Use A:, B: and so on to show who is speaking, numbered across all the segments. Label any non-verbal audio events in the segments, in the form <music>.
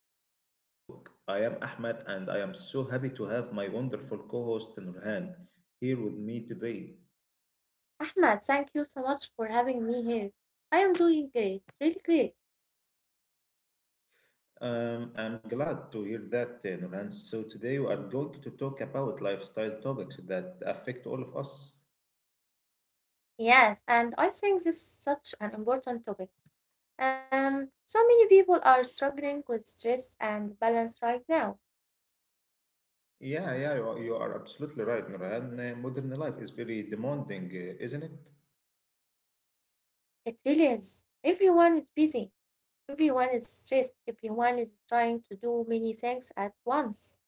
A: Lifestyle Talk. I am Ahmed and I am so happy to have my wonderful co-host Nurhan here with me today.
B: Ahmad, thank you so much for having me here. I am doing great, really great.
A: I'm glad to hear that, Nurhan. So today we are going to talk about lifestyle topics that affect all of us.
B: Yes, and I think this is such an important topic. So many people are struggling with stress and balance right now.
A: Yeah, yeah, you are absolutely right, Nurhan. Modern life is very demanding, isn't it?
B: It really is. Everyone is busy. Everyone is stressed. Everyone is trying to do many things at once.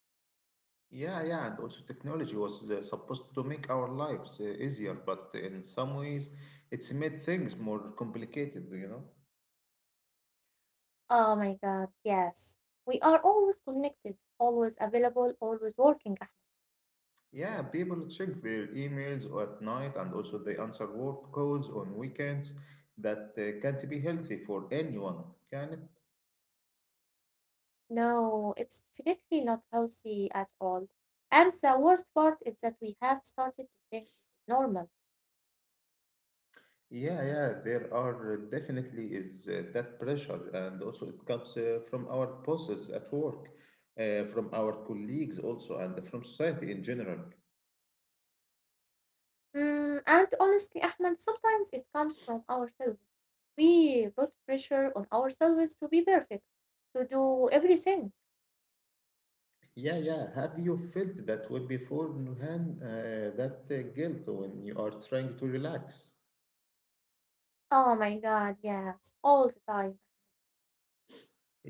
A: Yeah, yeah, and also technology was supposed to make our lives easier, but in some ways it's made things more complicated, you know?
B: Oh my God, yes. We are always connected, always available, always working.
A: Yeah, people check their emails at night and also they answer work calls on weekends that can't be healthy for anyone, can it?
B: No, it's definitely not healthy at all. And the worst part is that we have started to think this is normal.
A: Yeah, yeah, there are definitely is that pressure, and also it comes from our bosses at work, from our colleagues also, and from society in general.
B: And honestly, Ahmed, sometimes it comes from ourselves. We put pressure on ourselves to be perfect, to do everything.
A: Yeah, yeah. Have you felt that way before, Nuhan? That guilt when you are trying to relax?
B: Oh my God, yes, all the time.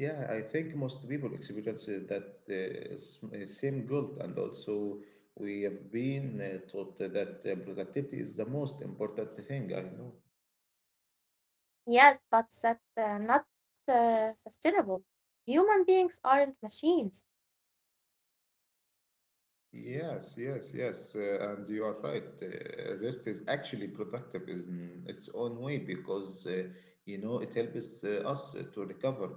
A: Yeah, I think most people experience that same guilt, and also we have been taught that productivity is the most important thing. I know.
B: Yes, but that's not sustainable. Human beings aren't machines.
A: Yes, yes, yes. And you are right. Rest is actually productive in its own way because, it helps us to recover.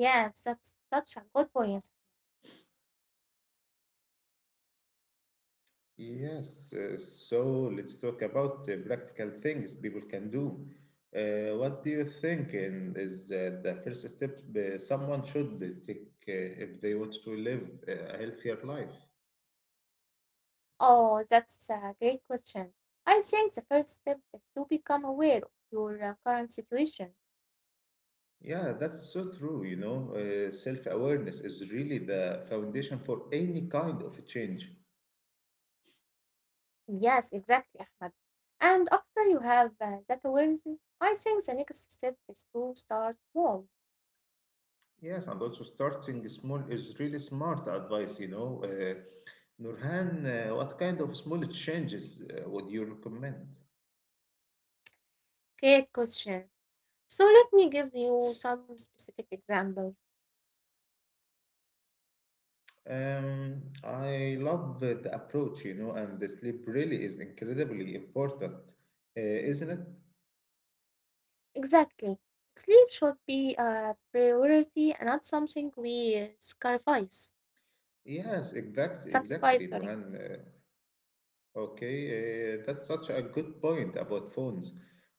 B: Yes, that's such a good point.
A: Yes, so let's talk about practical things people can do. What do you think is the first step someone should take if they want to live a healthier life?
B: Oh, that's a great question. I think the first step is to become aware of your current situation.
A: Yeah, that's so true, you know. Self-awareness is really the foundation for any kind of change.
B: Yes, exactly, Ahmed. And after you have that awareness, I think the next step is to start small.
A: Yes, and also starting small is really smart advice, you know. Nurhan, what kind of small changes would you recommend?
B: Great question. So let me give you some specific examples.
A: I love the approach, you know, and the sleep really is incredibly important, uh, isn't it?
B: Exactly. Sleep should be a priority and not something we sacrifice.
A: Yes, exactly,
B: Sacrifice,
A: exactly,
B: sorry.
A: Nurhan. Okay, that's such a good point about phones.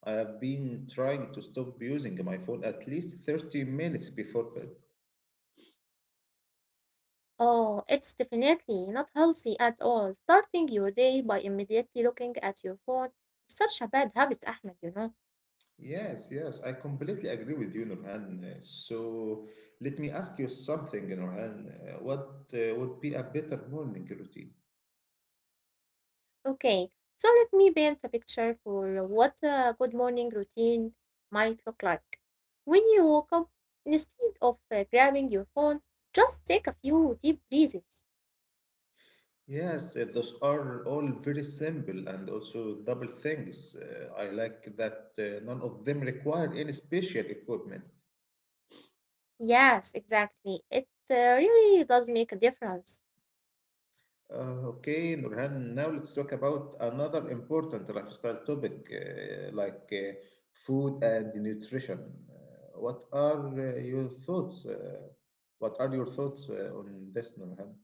A: I have been trying to stop using my phone at least 30 minutes before bed.
B: Oh, it's definitely not healthy at all. Starting your day by immediately looking at your phone is such a bad habit, Ahmed, you know.
A: Yes, yes, I completely agree with you, Nurhan. So let me ask you something, Nurhan. What would be a better morning routine?
B: Okay, so let me paint a picture for what a good morning routine might look like. When you woke up, instead of grabbing your phone, just take a few deep breaths.
A: Yes, those are all very simple and also double things. I like that none of them require any special equipment.
B: Yes, exactly. It really does make a difference.
A: Okay, Nurhan, now let's talk about another important lifestyle topic like food and nutrition. What are your thoughts? What are your thoughts on this, Nurhan?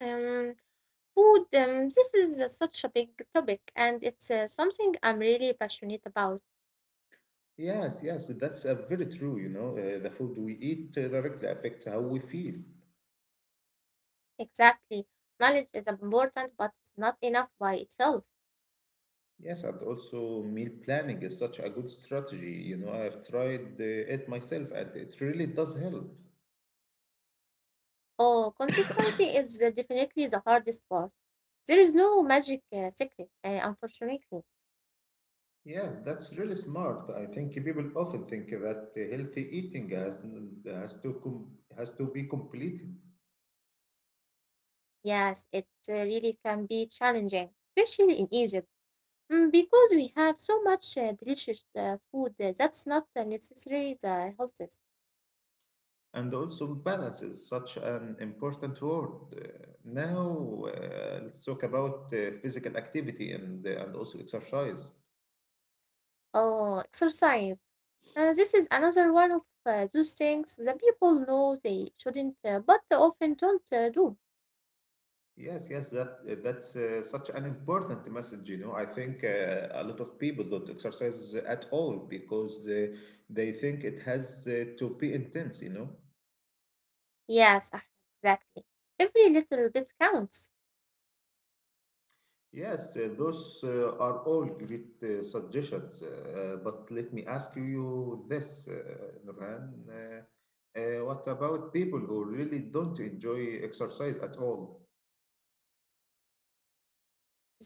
B: Um, Food, this is such a big topic, and it's something I'm really passionate about.
A: Yes, yes, that's very true. You know, the food we eat directly affects how we feel.
B: Exactly. Knowledge is important, but it's not enough by itself.
A: Yes, and also meal planning is such a good strategy. You know, I've tried it myself and it really does help.
B: Oh, consistency is definitely the hardest part. There is no magic secret, unfortunately.
A: Yeah, that's really smart. I think people often think that healthy eating has to com- has to be completed.
B: Yes, it really can be challenging, especially in Egypt, because we have so much delicious food that's not necessarily the healthiest.
A: And also balance is such an important word. Uh, now, let's talk about physical activity and also exercise.
B: Oh, exercise. This is another one of those things that people know they shouldn't, but they often don't do.
A: Yes, yes, that's such an important message. You know, I think a lot of people don't exercise at all because they think it has to be intense. You know.
B: Yes, Ahmed, exactly. Every little bit counts.
A: Yes, those are all great suggestions. But let me ask you this, Nurhan. What about people who really don't enjoy exercise at all?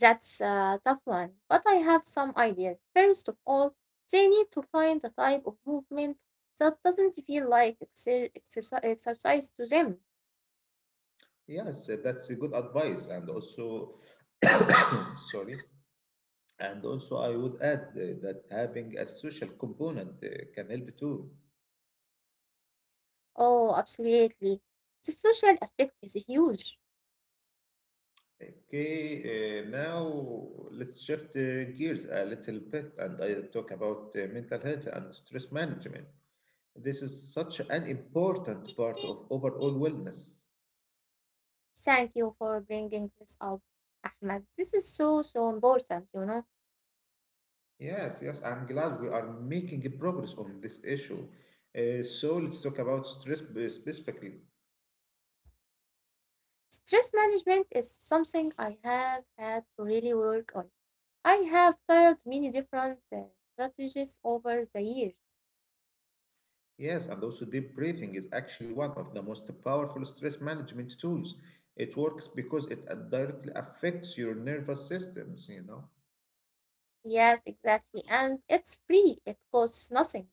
B: That's a tough one, but I have some ideas. First of all, they need to find a type of movement that doesn't feel like exercise to them.
A: Yes, that's a good advice, and also, <coughs> sorry, and also, I would add that having a social component can help too.
B: Oh, absolutely. The social aspect is huge.
A: Okay, now let's shift gears a little bit and I talk about mental health and stress management. This is such an important part of overall wellness.
B: Thank you for bringing this up, Ahmed. This is so, so important,
A: Yes, yes, I'm glad we are making progress on this issue. So let's talk about stress specifically.
B: Stress management is something I have had to really work on. I have tried many different strategies over the years.
A: Yes, and also deep breathing is actually one of the most powerful stress management tools. It works because it directly affects your nervous systems, you know.
B: Yes, exactly. And it's free, it costs nothing.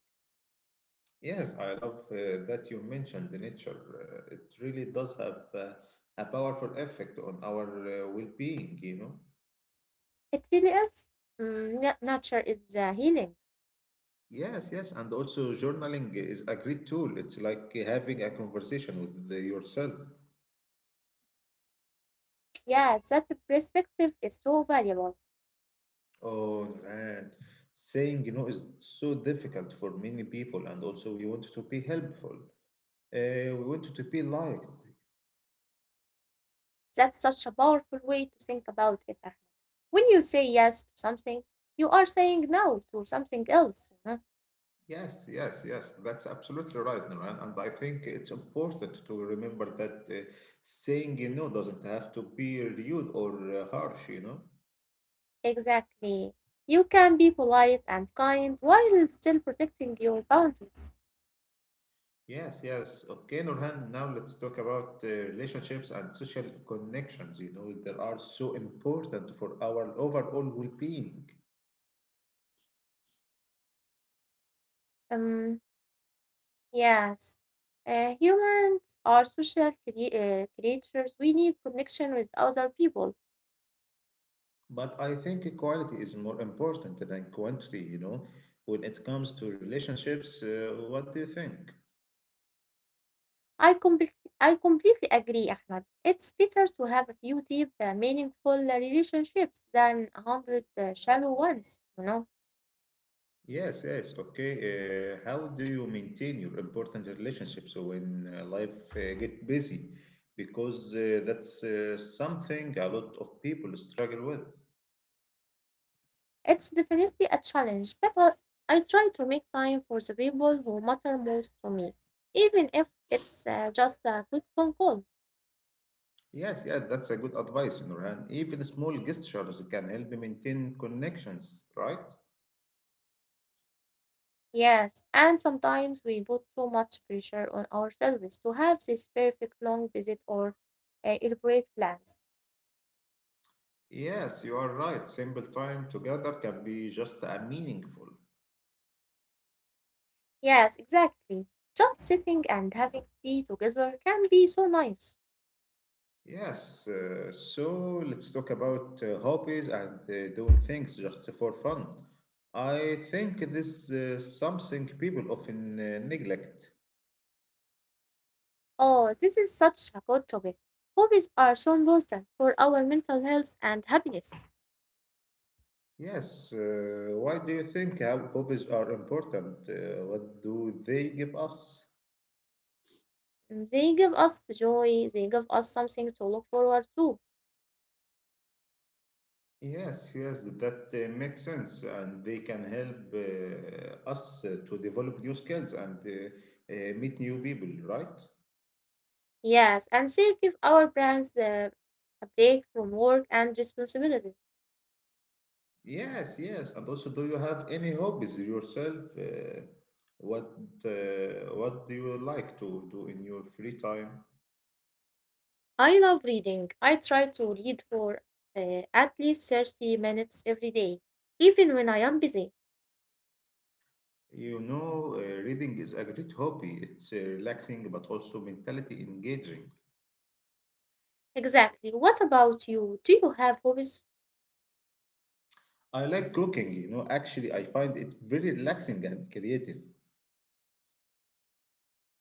A: Yes, I love that you mentioned the nature. It really does have a powerful effect on our well-being, you know.
B: It really is. Nature is the healing.
A: Yes, yes, and also journaling is a great tool. It's like having a conversation with yourself.
B: Yeah, that perspective is so valuable.
A: Oh man, saying no is so difficult for many people, and also we want to be helpful. We want to be liked.
B: That's such a powerful way to think about it, Ahmed. When you say yes to something, you are saying no to something else.
A: Yes, yes, yes. That's absolutely right, Nuran. And I think it's important to remember that saying no doesn't have to be rude or harsh. You know.
B: Exactly. You can be polite and kind while still protecting your boundaries.
A: Yes, yes. Okay, Nurhan. Now let's talk about relationships and social connections. You know, they are so important for our overall well-being.
B: Um, yes. Humans are social creatures. We need connection with other people.
A: But I think quality is more important than quantity, you know, when it comes to relationships. What do you think?
B: I, comple- I completely agree, Ahmed. It's better to have a few deep, meaningful relationships than a hundred shallow ones?
A: Yes, yes, okay. How do you maintain your important relationships when life get busy? Because that's something a lot of people struggle with.
B: It's definitely a challenge, but I try to make time for the people who matter most to me, even if it's just a quick phone call.
A: Yes, yeah, that's a good advice, you know, and even small gestures can help you maintain connections, right?
B: Yes, and sometimes we put too much pressure on ourselves to have this perfect long visit or elaborate plans.
A: Yes, you are right. Simple time together can be just meaningful.
B: Yes, exactly. Just sitting and having tea together can be so nice.
A: Yes, so let's talk about hobbies and doing things just for fun. I think this is something people often neglect.
B: Oh, this is such a good topic. Hobbies are so important for our mental health and happiness.
A: Yes, why do you think how hobbies are important? What do they give us?
B: They give us joy, they give us something to look forward to.
A: Yes, yes, that makes sense, and they can help us to develop new skills and meet new people, right?
B: Yes, and they give our brains a break from work and responsibilities.
A: Yes, yes. And also, do you have any hobbies yourself? What what do you like to do in your free time?
B: I love reading. I try to read for at least 30 minutes every day, even when I am busy.
A: You know, reading is a great hobby. It's relaxing, but also mentality engaging.
B: Exactly. What about you? Do you have hobbies?
A: I like cooking, you know. Actually, I find it very relaxing and creative.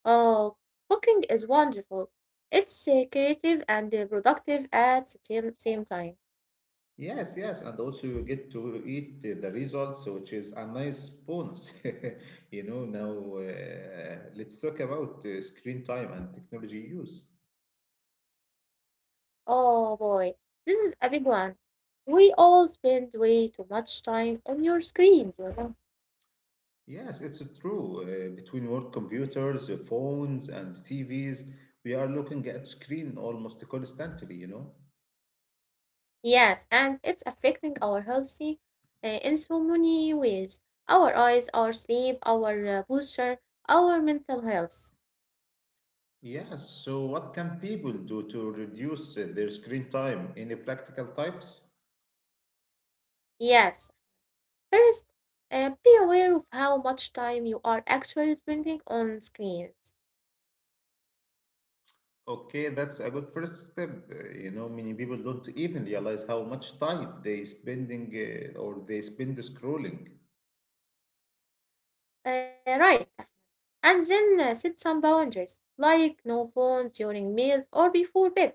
B: Oh, cooking is wonderful. It's creative and productive at the same time.
A: Yes, yes, and also you get to eat the results, which is a nice bonus. <laughs> You know, now let's talk about screen time and technology use.
B: Oh boy, this is a big one. We all spend way too much time on your screens, you know.
A: Yes, it's true. Between work computers, phones, and TVs, we are looking at screen almost constantly, you know?
B: Yes, and it's affecting our healthy in so many ways. Our eyes, our sleep, our posture, our mental health.
A: Yes, so what can people do to reduce their screen time? Any practical types?
B: Yes, first, be aware of how much time you are actually spending on screens.
A: Okay, that's a good first step. You know, many people don't even realize how much time they spending or they spend scrolling.
B: Right, and then set some boundaries, like no phones during meals or before bed.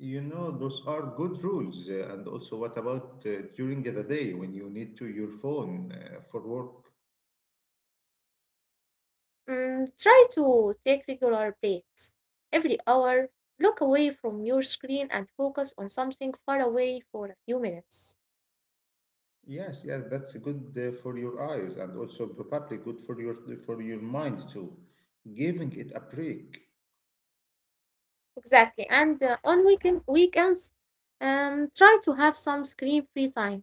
A: You know, those are good rules. And also, what about during the day when you need to your phone for work?
B: Try to take regular breaks. Every hour, look away from your screen and focus on something far away for a few minutes.
A: Yes, yes, that's good for your eyes and also probably good for your mind too. Giving it a break,
B: Exactly. And on weekends, try to have some screen-free time.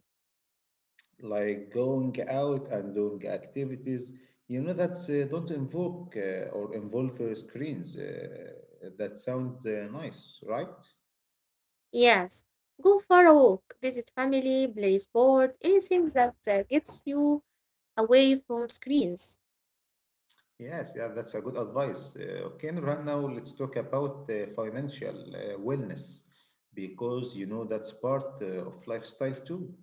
A: like going out and doing activities, you know, that's don't invoke or involve screens. That sound nice, right?
B: Yes. Go for a walk, visit family, play sport, anything that gets you away from screens.
A: Yes, yeah, that's a good advice. Okay, and right now let's talk about financial wellness because you know that's part of lifestyle too.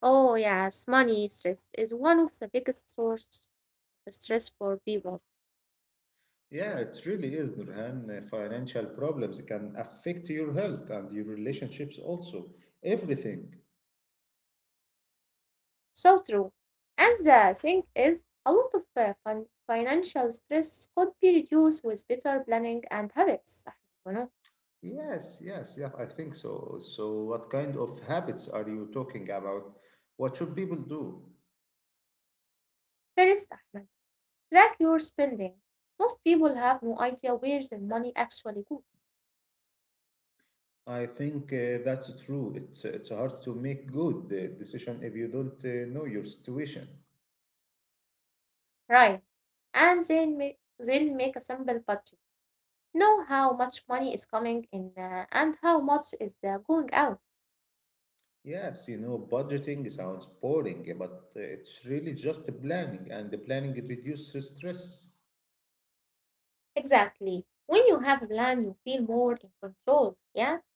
B: Oh yes, money stress is one of the biggest source of stress for people.
A: Yeah, it really is, Nurhan. Financial problems can affect your health and your relationships also. Everything.
B: So true. And the thing is, a lot of financial stress could be reduced with better planning and habits. Ahmed, you know,
A: Yes, yes, yeah, I think so. So, what kind of habits are you talking about? What should people do?
B: first, Ahmed, track your spending. Most people have no idea where their money actually goes.
A: I think that's true. It's hard to make good decision if you don't know your situation.
B: Right. And then make a simple budget. Know how much money is coming in and how much is going out.
A: Yes, you know, budgeting sounds boring, but it's really just planning, and the planning it reduces stress.
B: Exactly. When you have a plan, you feel more in control. Yeah.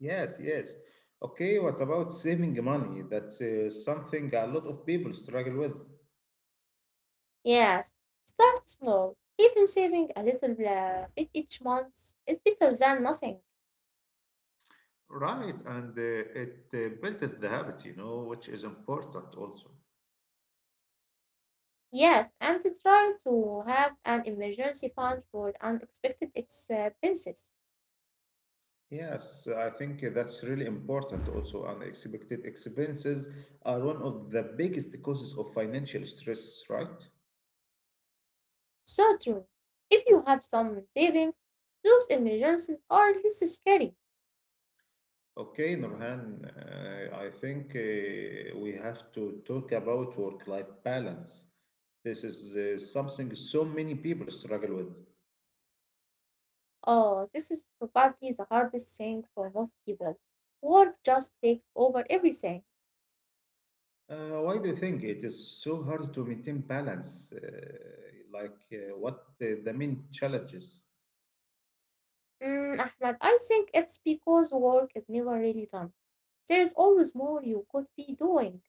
A: Yes, yes. Okay, what about saving money? That's something a lot of people struggle with.
B: Yes, start small. Even saving a little bit each month is better than nothing.
A: Right, and it built the habit, you know, which is important also.
B: Yes, and try to have an emergency fund for unexpected expenses.
A: Yes, I think that's really important also. Unexpected expenses are one of the biggest causes of financial stress, right?
B: So true. If you have some savings, those emergencies are less scary.
A: Okay, Nurhan, I think we have to talk about work-life balance. This is something so many people struggle with.
B: Oh, this is probably the hardest thing for most people. Work just takes over everything.
A: Why do you think it is so hard to maintain balance? What the main challenges?
B: Ahmed, I think it's because work is never really done, there is always more you could be doing.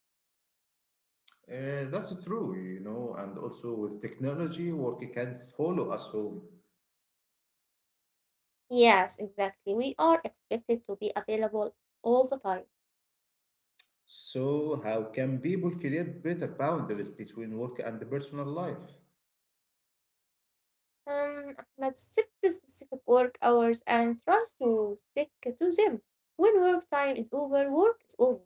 A: That's true, you know, and also with technology, work can follow us home.
B: Yes, exactly. We are expected to be available all the time.
A: So, how can people create better boundaries between work and the personal life?
B: Let's set the specific work hours and try to stick to them. When work time is over, work is over.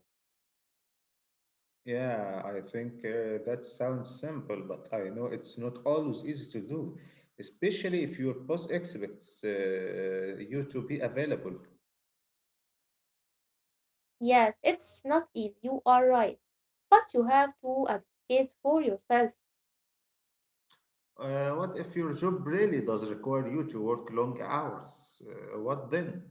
A: Yeah, I think that sounds simple, but I know it's not always easy to do, especially if your boss expects you to be available.
B: Yes, it's not easy. You are right. But you have to advocate for yourself.
A: What if your job really does require you to work long hours? What then?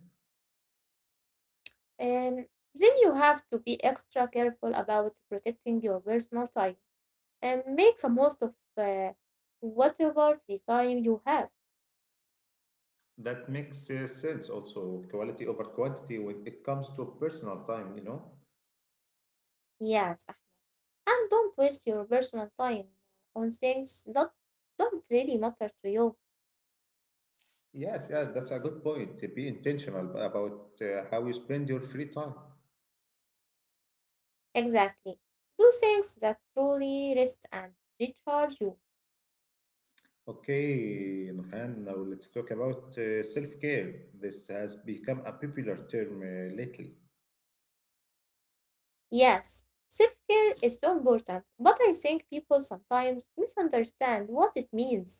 B: And then you have to be extra careful about protecting your personal time and make the most of whatever free time you have.
A: That makes sense also, quality over quantity when it comes to personal time, you know?
B: Yes, and don't waste your personal time on things that don't really matter to you.
A: Yes, yeah, that's a good point. Be intentional about how you spend your free time.
B: Exactly. Do things that truly rest and recharge you.
A: Okay, Nurhan, now let's talk about self care. This has become a popular term lately.
B: Yes, self care is so important, but I think people sometimes misunderstand what it means.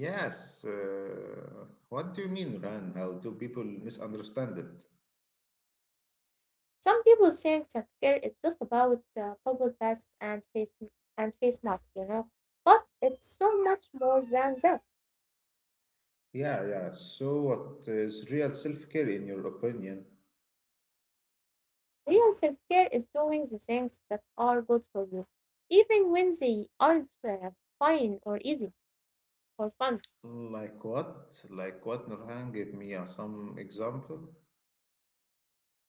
A: Yes, what do you mean, Nurhan? How do people misunderstand it?
B: Some people think self care is just about bubble baths and face masks, you know, but it's so much more than that.
A: Yeah, yeah. So, what is real self-care in your opinion?
B: Real self care is doing the things that are good for you, even when they aren't fine or easy or fun,
A: Like what? Like what, Nurhan? Give me some example.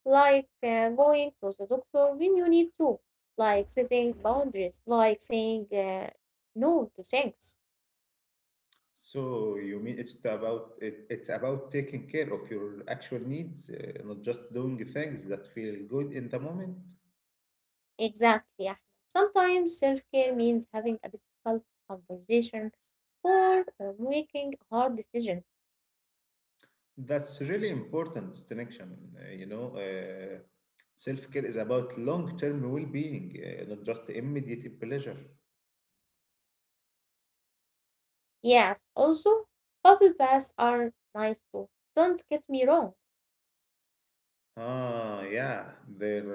B: like going to the doctor when you need to, like setting boundaries, like saying no to things.
A: So, you mean it's about it's about taking care of your actual needs, not just doing things that feel good in the moment?
B: Exactly, Ahmed. Sometimes self care means having a difficult conversation or making a hard decision.
A: That's really important distinction, you know. Self-care is about long-term well-being, not just immediate pleasure.
B: Yes, also, bubble baths are nice too. Don't get me wrong.
A: Yeah, there,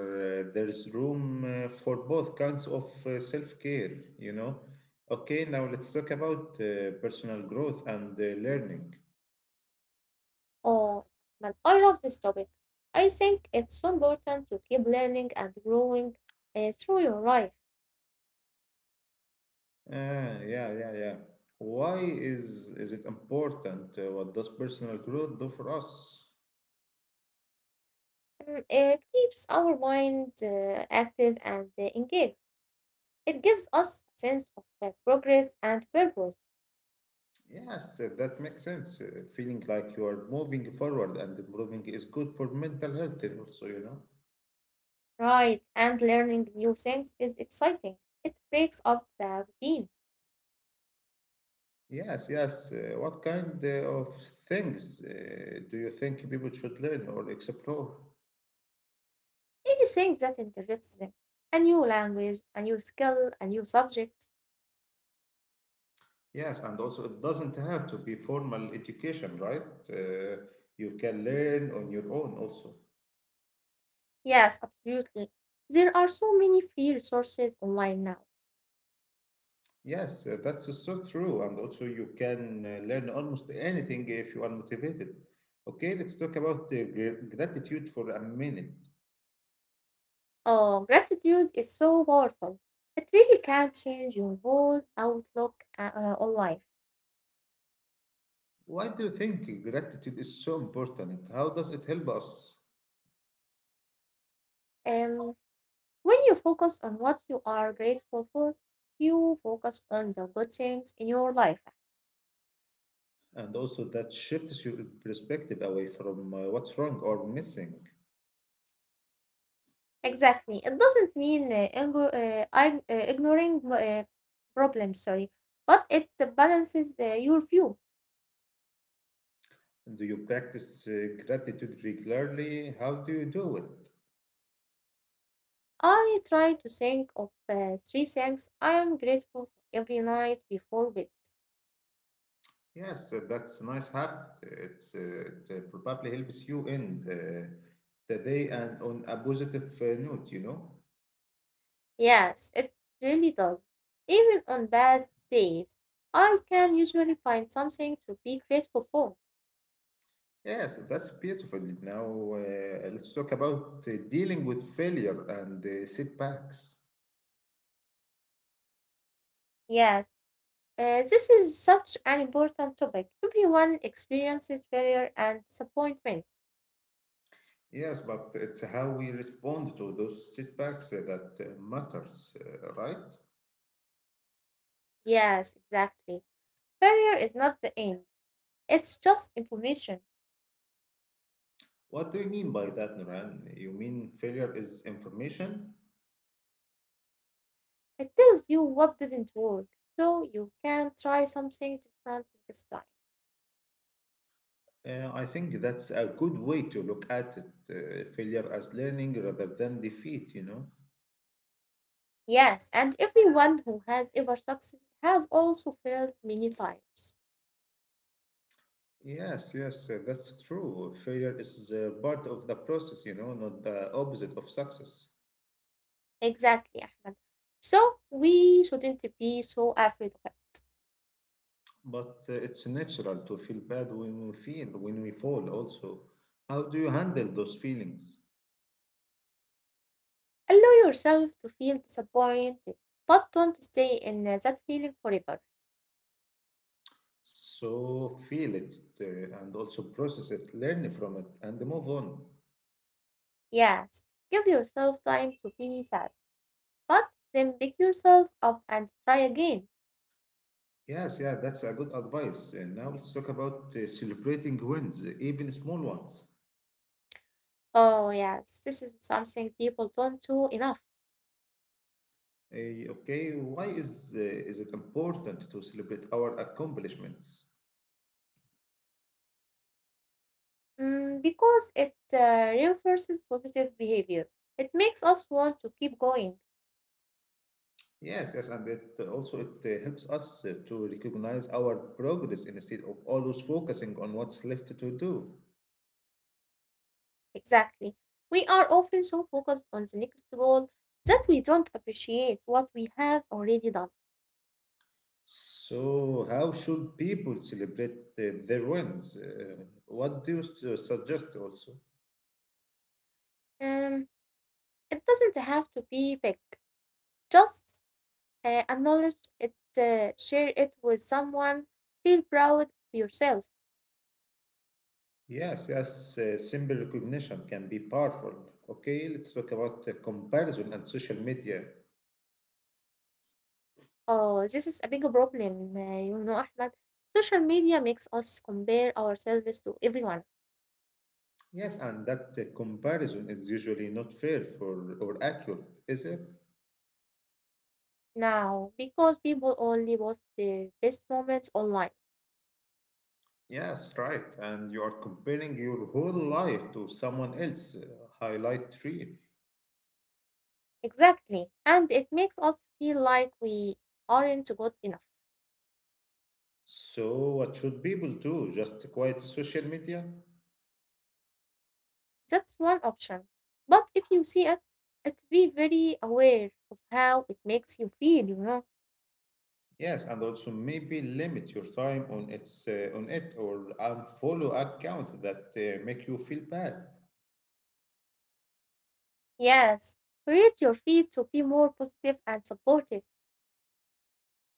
A: uh, there's room for both kinds of self-care, you know. Okay, now let's talk about personal growth and learning.
B: Oh, man, I love this topic. I think it's so important to keep learning and growing through your life.
A: Yeah. Why is it important? What does personal growth do for us?
B: It keeps our mind active and engaged. It gives us a sense of progress and purpose.
A: Yes, that makes sense. Feeling like you are moving forward and improving is good for mental health also, you know.
B: Right, and learning new things is exciting. It breaks up the routine.
A: Yes, yes. What kind of things do you think people should learn or explore?
B: Anything that interests them. A new language, a new skill, a new subject.
A: Yes, and also it doesn't have to be formal education, right? Uh, you can learn on your own also.
B: Yes, absolutely. There are so many free resources online now.
A: Yes, that's so true. And also, you can learn almost anything if you are motivated. Okay, let's talk about gratitude for a minute.
B: Oh, gratitude is so powerful. It really can change your whole outlook on life.
A: Why do you think gratitude is so important? How does it help us?
B: Um, when you focus on what you are grateful for, you focus on the good things in your life.
A: And also, that shifts your perspective away from what's wrong or missing.
B: Exactly. It doesn't mean ignoring problems, sorry, but it balances your view.
A: Do you practice gratitude regularly? How do you do it?
B: I try to think of three things I am grateful for every night before bed.
A: Yes, that's a nice habit. It probably helps you end the day and on a positive note, you know?
B: Yes, it really does. Even on bad days, I can usually find something to be grateful for.
A: Yes, that's beautiful. Now, let's talk about dealing with failure and setbacks.
B: Yes, this is such an important topic. Everyone experiences failure and disappointment.
A: Yes, but it's how we respond to those setbacks that matters, right?
B: Yes, exactly. Failure is not the end, it's just information.
A: What do you mean by that, Nuran? You mean failure is information?
B: It tells you what didn't work, so you can try something different this time.
A: I think that's a good way to look at it. Failure as learning rather than defeat, you know?
B: Yes, and everyone who has ever succeeded has also failed many times.
A: Yes, yes, that's true. Failure is part of the process, you know, not the opposite of success.
B: Exactly, Ahmed. So we shouldn't be so afraid of it.
A: But it's natural to feel bad when we fall also. How do you handle those feelings?
B: Allow yourself to feel disappointed, but don't stay in that feeling forever.
A: So feel it and also process it, learn from it, and move on.
B: Yes, give yourself time to be sad, but then pick yourself up and try again.
A: Yes, yeah, that's a good advice. And now let's talk about celebrating wins, even small ones.
B: Oh, yes, this is something people don't do enough,
A: Okay, why is it important to celebrate our accomplishments?
B: because it reinforces positive behavior. It makes us want to keep going.
A: Yes, yes, and it also it helps us to recognize our progress instead of always focusing on what's left to do.
B: Exactly. We are often so focused on the next goal that we don't appreciate what we have already done.
A: So, how should people celebrate their wins? What do you suggest also?
B: Um, it doesn't have to be big. Just acknowledge it, share it with someone, feel proud of yourself.
A: Yes, yes, simple recognition can be powerful. Okay, let's talk about comparison and social media.
B: Oh, this is a big problem, you know, Ahmed. Social media makes us compare ourselves to everyone
A: Yes, and that comparison is usually not fair for or accurate, is it?
B: now because people only post their best moments online.
A: Yes, right. And you are comparing your whole life to someone else' highlight reel.
B: Exactly. And it makes us feel like we aren't good enough.
A: So, what should people do? Just quiet social media?
B: That's one option. But if you see it, it be very aware of how it makes you feel,
A: Yes, and also maybe limit your time on it or unfollow accounts that make you feel bad.
B: Yes. Create your feed to be more positive and supportive.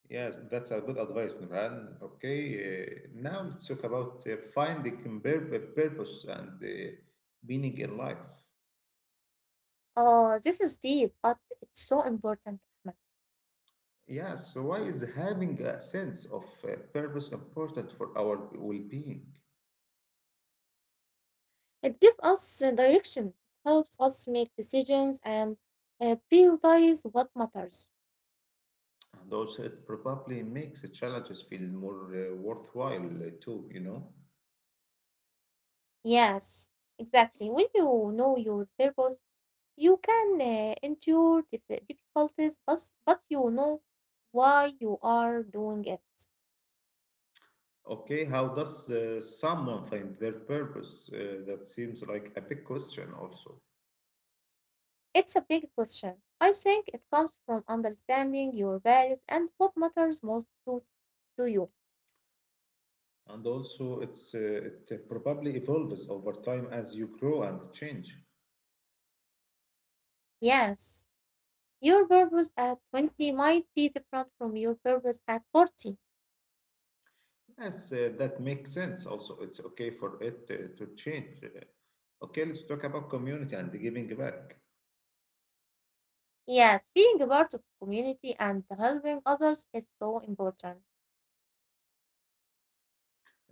A: Yes, that's a good advice, Nuran. Okay, now let's talk about finding purpose and meaning in life.
B: Oh, this is deep, but it's so important, Ahmed.
A: Yes, so why is having a sense of purpose important for our well-being?
B: It gives us direction, helps us make decisions and prioritize what matters.
A: And also, it probably makes the challenges feel more worthwhile too, you know?
B: Yes, exactly. When you know your purpose, you can endure difficulties, but you know why you are doing it.
A: Okay, how does someone find their purpose? That seems like a big question also.
B: It's a big question. I think it comes from understanding your values and what matters most to you.
A: And also, it probably evolves over time as you grow and change.
B: Yes, your purpose at 20 might be different from your purpose at 40.
A: Yes, that makes sense. Also, it's okay for it to change. Okay, let's talk about community and giving back.
B: Yes, being a part of community and helping others is so important.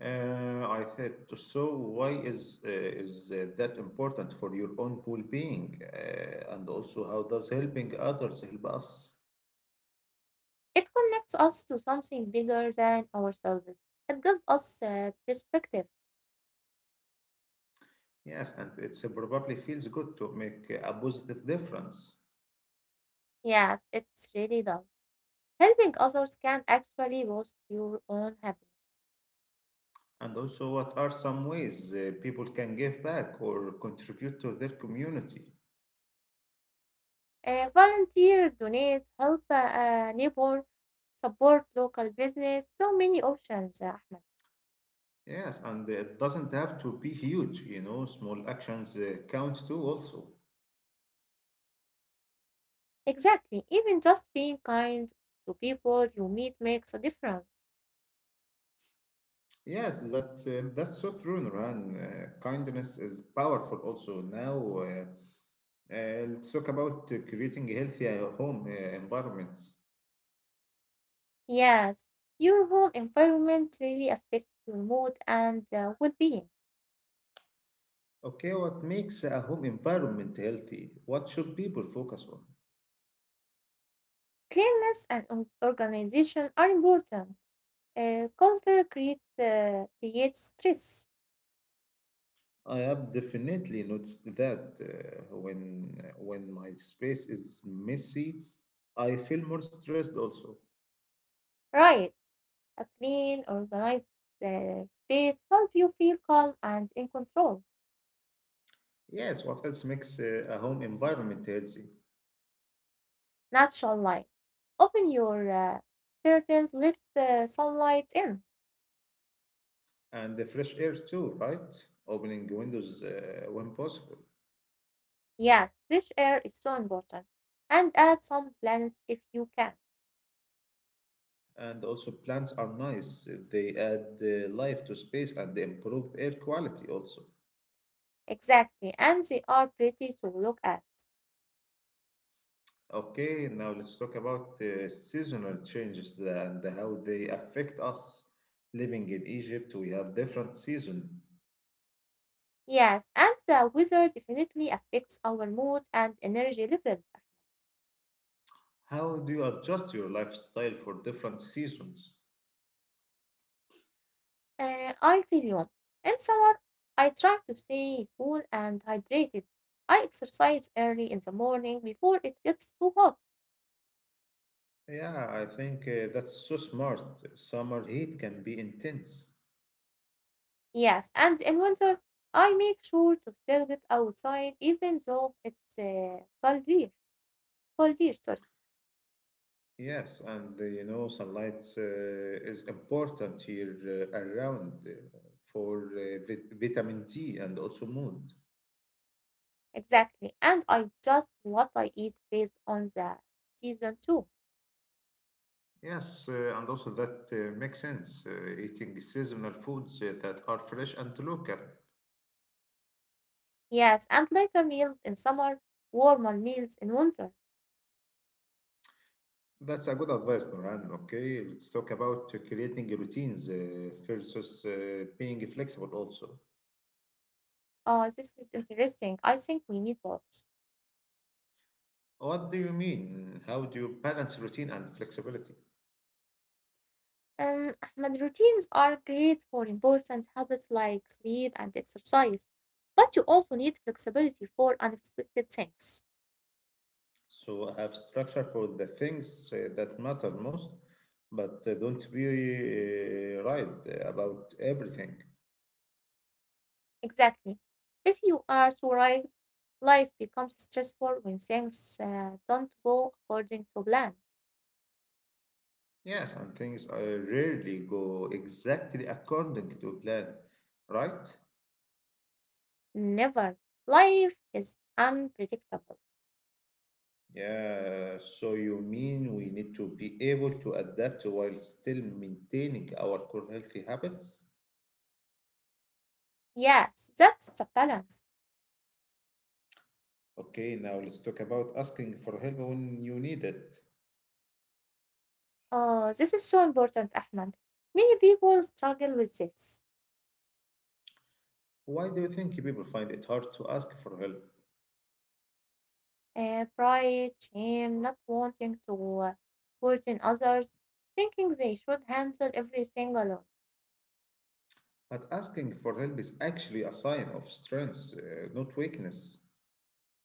A: I said, so why is that important for your own well-being, and also how does helping others help us?
B: It connects us to something bigger than ourselves. It gives us perspective.
A: Yes, and it's probably feels good to make a positive difference.
B: Yes, it's really does. Helping others can actually boost your own happiness.
A: And also, what are some ways people can give back or contribute to their community?
B: Volunteer, donate, help a neighbor, support local business. So many options, Ahmed.
A: Yes, and it doesn't have to be huge, you know, small actions count too also.
B: Exactly. Even just being kind to people you meet makes a difference.
A: Yes, that's so true, Nurhan. Kindness is powerful also. Now, let's talk about creating a healthy home environments.
B: Yes, your home environment really affects your mood and well-being.
A: Okay, what makes a home environment healthy? What should people focus on?
B: Cleanliness and organization are important. Culture creates stress,
A: I have definitely noticed that when my space is messy, I feel more stressed also.
B: right? A clean, organized space helps you feel calm and in control.
A: Yes, what else makes a home environment healthy?
B: Natural light. Open your curtains, let the sunlight in.
A: And the fresh air too, right? Opening windows when possible.
B: Yes, fresh air is so important. And add some plants if you can.
A: And also plants are nice. They add life to space and they improve air quality also.
B: Exactly, and they are pretty to look at.
A: Okay, now let's talk about seasonal changes and how they affect us. Living in Egypt, we have different seasons.
B: Yes, and the weather definitely affects our mood and energy levels.
A: How do you adjust your lifestyle for different seasons?
B: I tell you, in summer, I try to stay cool and hydrated. I exercise early in the morning before it gets too hot.
A: Yeah, I think that's so smart. Summer heat can be intense.
B: Yes, and in winter, I make sure to still get outside even though it's colder. Colder, sorry.
A: Yes, and you know, sunlight is important here around for vit- vitamin D and also mood.
B: Exactly. And I adjust what I eat based on the season too.
A: Yes, and also that makes sense. Eating seasonal foods that are fresh and local.
B: Yes, and lighter meals in summer, warmer meals in winter.
A: That's a good advice, Noran. Okay, let's talk about creating routines versus being flexible also.
B: Oh, this is interesting. I think we need both.
A: What do you mean? How do you balance routine and flexibility?
B: Ahmed, routines are great for important habits like sleep and exercise, but you also need flexibility for unexpected things.
A: So have structure for the things that matter most, but don't be right about everything.
B: Exactly. If you are too right, life becomes stressful when things don't go according to plan.
A: Yes, and things rarely go exactly according to plan, right?
B: Never. Life is unpredictable.
A: Yeah, so you mean we need to be able to adapt while still maintaining our core healthy habits?
B: Yes, that's the balance.
A: Okay, now let's talk about asking for help when you need it.
B: Oh, this is so important, Ahmed. Many people struggle with this.
A: Why do you think people find it hard to ask for help?
B: Pride, shame, not wanting to burden others, thinking they should handle everything alone.
A: But asking for help is actually a sign of strength, not weakness.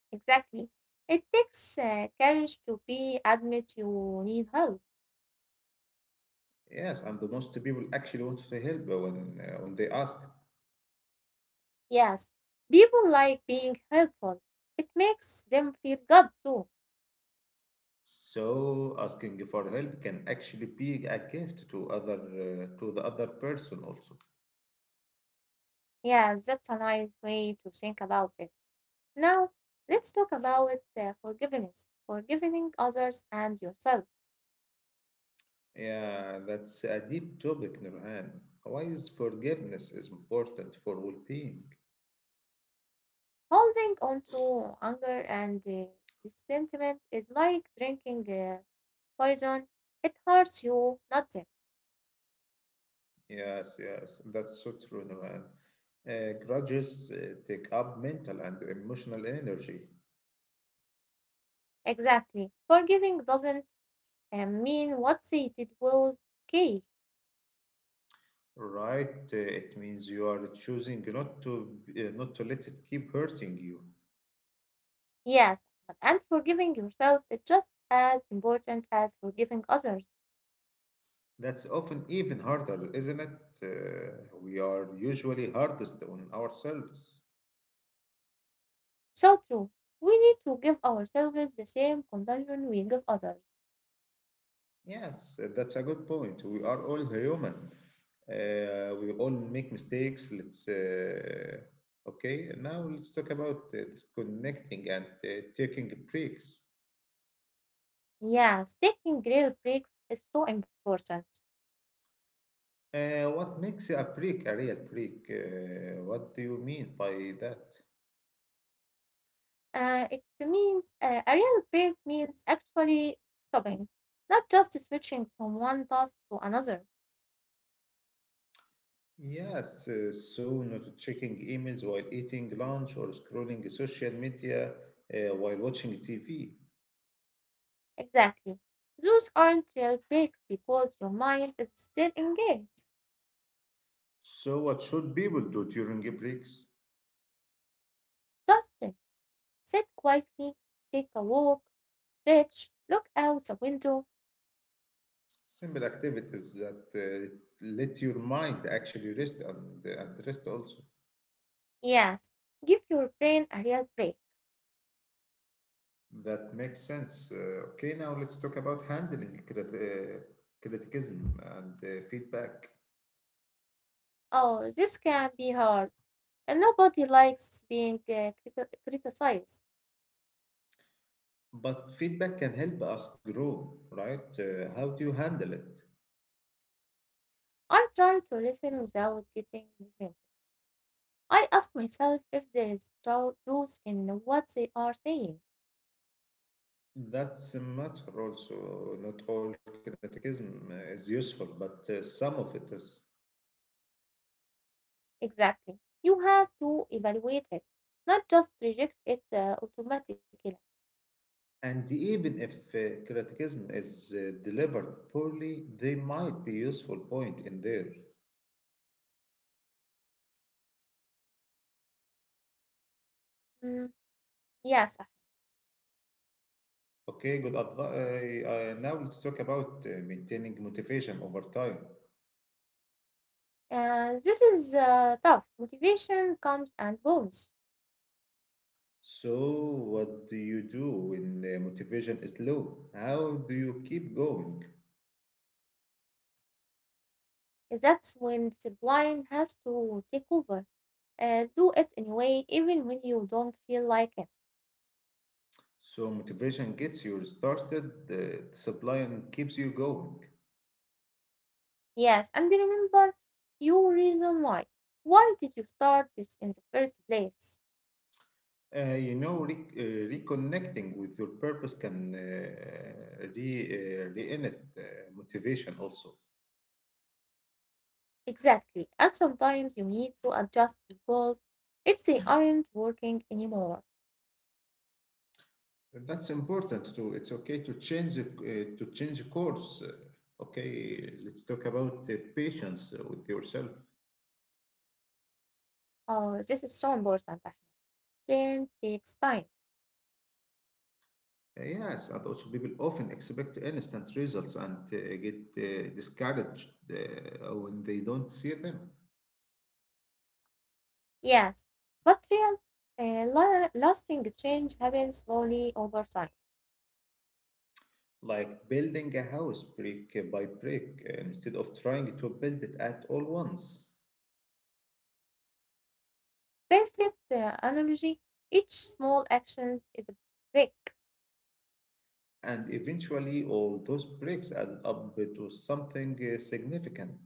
B: Exactly. It takes courage to be admit you need help.
A: Yes, and the most people actually want to help when they ask.
B: Yes, people like being helpful. It makes them feel good too.
A: So asking for help can actually be a gift to other to the other person also.
B: Yes, that's a nice way to think about it. Now, let's talk about forgiveness, forgiving others and yourself.
A: Yeah, that's a deep topic, Nurhan. Why is forgiveness is important for well-being?
B: Holding on to anger and resentment is like drinking poison. It hurts you, not them.
A: Yes, yes, that's so true, Nurhan. Grudges take up mental and emotional energy,
B: Exactly. Forgiving doesn't mean what they did was okay.
A: right? It means you are choosing not to let it keep hurting you.
B: Yes, but and forgiving yourself is just as important as forgiving others.
A: That's often even harder, isn't it? We are usually hardest on ourselves.
B: So true. We need to give ourselves the same compassion we give others.
A: Yes, that's a good point. We are all human. We all make mistakes. Let's Okay. Now let's talk about disconnecting and taking breaks.
B: Yes, taking real breaks is so important.
A: What makes a break a real break? What do you mean by that?
B: It means A real break means actually stopping, not just switching from one task to another.
A: Yes, so not checking emails while eating lunch or scrolling social media while watching TV.
B: Exactly. Those aren't real breaks because your mind is still engaged.
A: So, what should people do during breaks?
B: Just rest. Sit quietly, take a walk, stretch, look out the window.
A: Simple activities that let your mind actually rest and rest also.
B: Yes, give your brain a real break.
A: That makes sense. Okay, now let's talk about handling criticism and feedback.
B: Oh, this can be hard, and nobody likes being criticized.
A: But feedback can help us grow, right? How do you handle it?
B: I try to listen without getting defensive. I ask myself if there is truth in what they are saying.
A: That's a matter also. Not all criticism is useful, but some of it is.
B: Exactly. You have to evaluate it, not just reject it automatically.
A: And even if criticism is delivered poorly, they might be useful point in there.
B: Mm, yes.
A: Okay, good advice. Now let's talk about maintaining motivation over time.
B: This is tough. Motivation comes and goes.
A: So, what do you do when motivation is low? How do you keep going?
B: That's when discipline has to take over. Do it anyway, even when you don't feel like it.
A: So, motivation gets you started, discipline keeps you going.
B: Yes, and remember your reason why. Why did you start this in the first place?
A: You know, reconnecting with your purpose can re-innit motivation also.
B: Exactly. And sometimes you need to adjust your goals if they aren't working anymore.
A: That's important too. It's okay to change the course. Okay, let's talk about patience with yourself.
B: Oh, this is so important, Ahmed. Change takes time.
A: Yes, and also people often expect instant results and get discouraged when they don't see them.
B: Yes. But real lasting change happens slowly over time.
A: Like building a house brick by brick instead of trying to build it at all once.
B: Perfect analogy. Each small action is a break.
A: And eventually, all those breaks added up to something significant.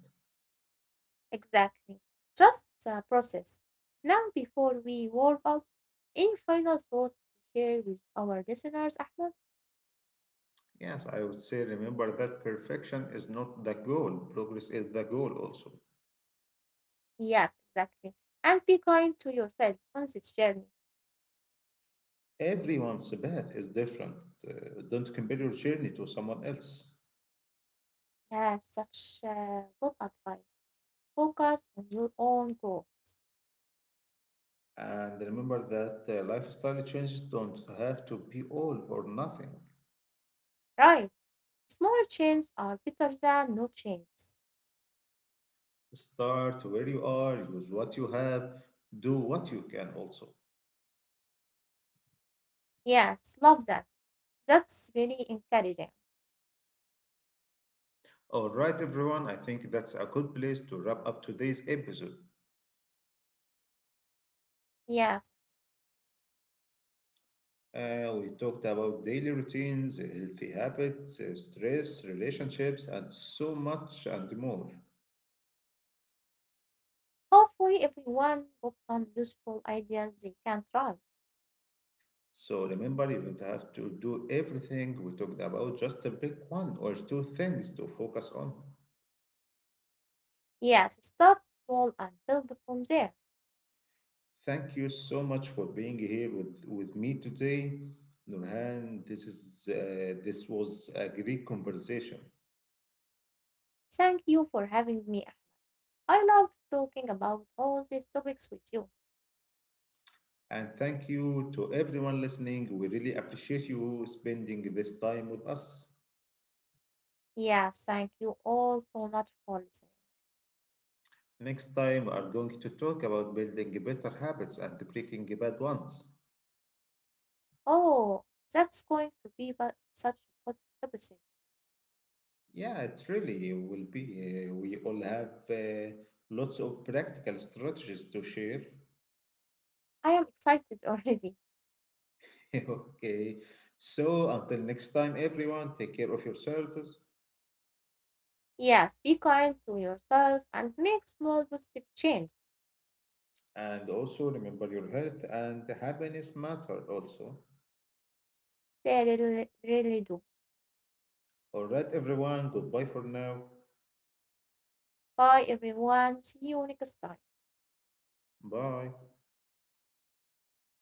B: Exactly. Trust the process. Now, before we wrap up, any final thoughts to share with our listeners, Ahmed?
A: Yes, I would say remember that perfection is not the goal, progress is the goal also.
B: Yes, exactly. And be kind to yourself on this journey.
A: Everyone's path is different. Don't compare your journey to someone else.
B: Yes, such good advice. Focus on your own growth.
A: And remember that lifestyle changes don't have to be all or nothing.
B: Right. Small changes are better than no changes.
A: Start where you are, use what you have, do what you can also.
B: Yes, love that. That's really encouraging.
A: All right, everyone, I think that's a good place to wrap up today's episode.
B: Yes.
A: We talked about daily routines, healthy habits, stress, relationships, and so much and more.
B: Hopefully everyone got some useful ideas they can try.
A: So remember, you don't have to do everything we talked about, just pick one or two things to focus on.
B: Yes, start small and build from there.
A: Thank you so much for being here with me today. Nurhan, this was a great conversation.
B: Thank you for having me, Ahmed. I love talking about all these topics with you.
A: And thank you to everyone listening. We really appreciate you spending this time with us.
B: Yes, thank you all so much for listening.
A: Next time, we are going to talk about building better habits and breaking bad ones.
B: Oh, that's going to be but such a good episode.
A: Yeah, it really will be. We all have lots of practical strategies to share.
B: I am excited <laughs> already.
A: <laughs> Okay, so until next time, everyone, take care of yourselves
B: Yes, be kind to yourself and make small positive changes.
A: and also remember your health and happiness matter also.
B: They really, really do.
A: All right, everyone, goodbye for now.
B: Bye, everyone. See you next time.
A: Bye.
B: Bye.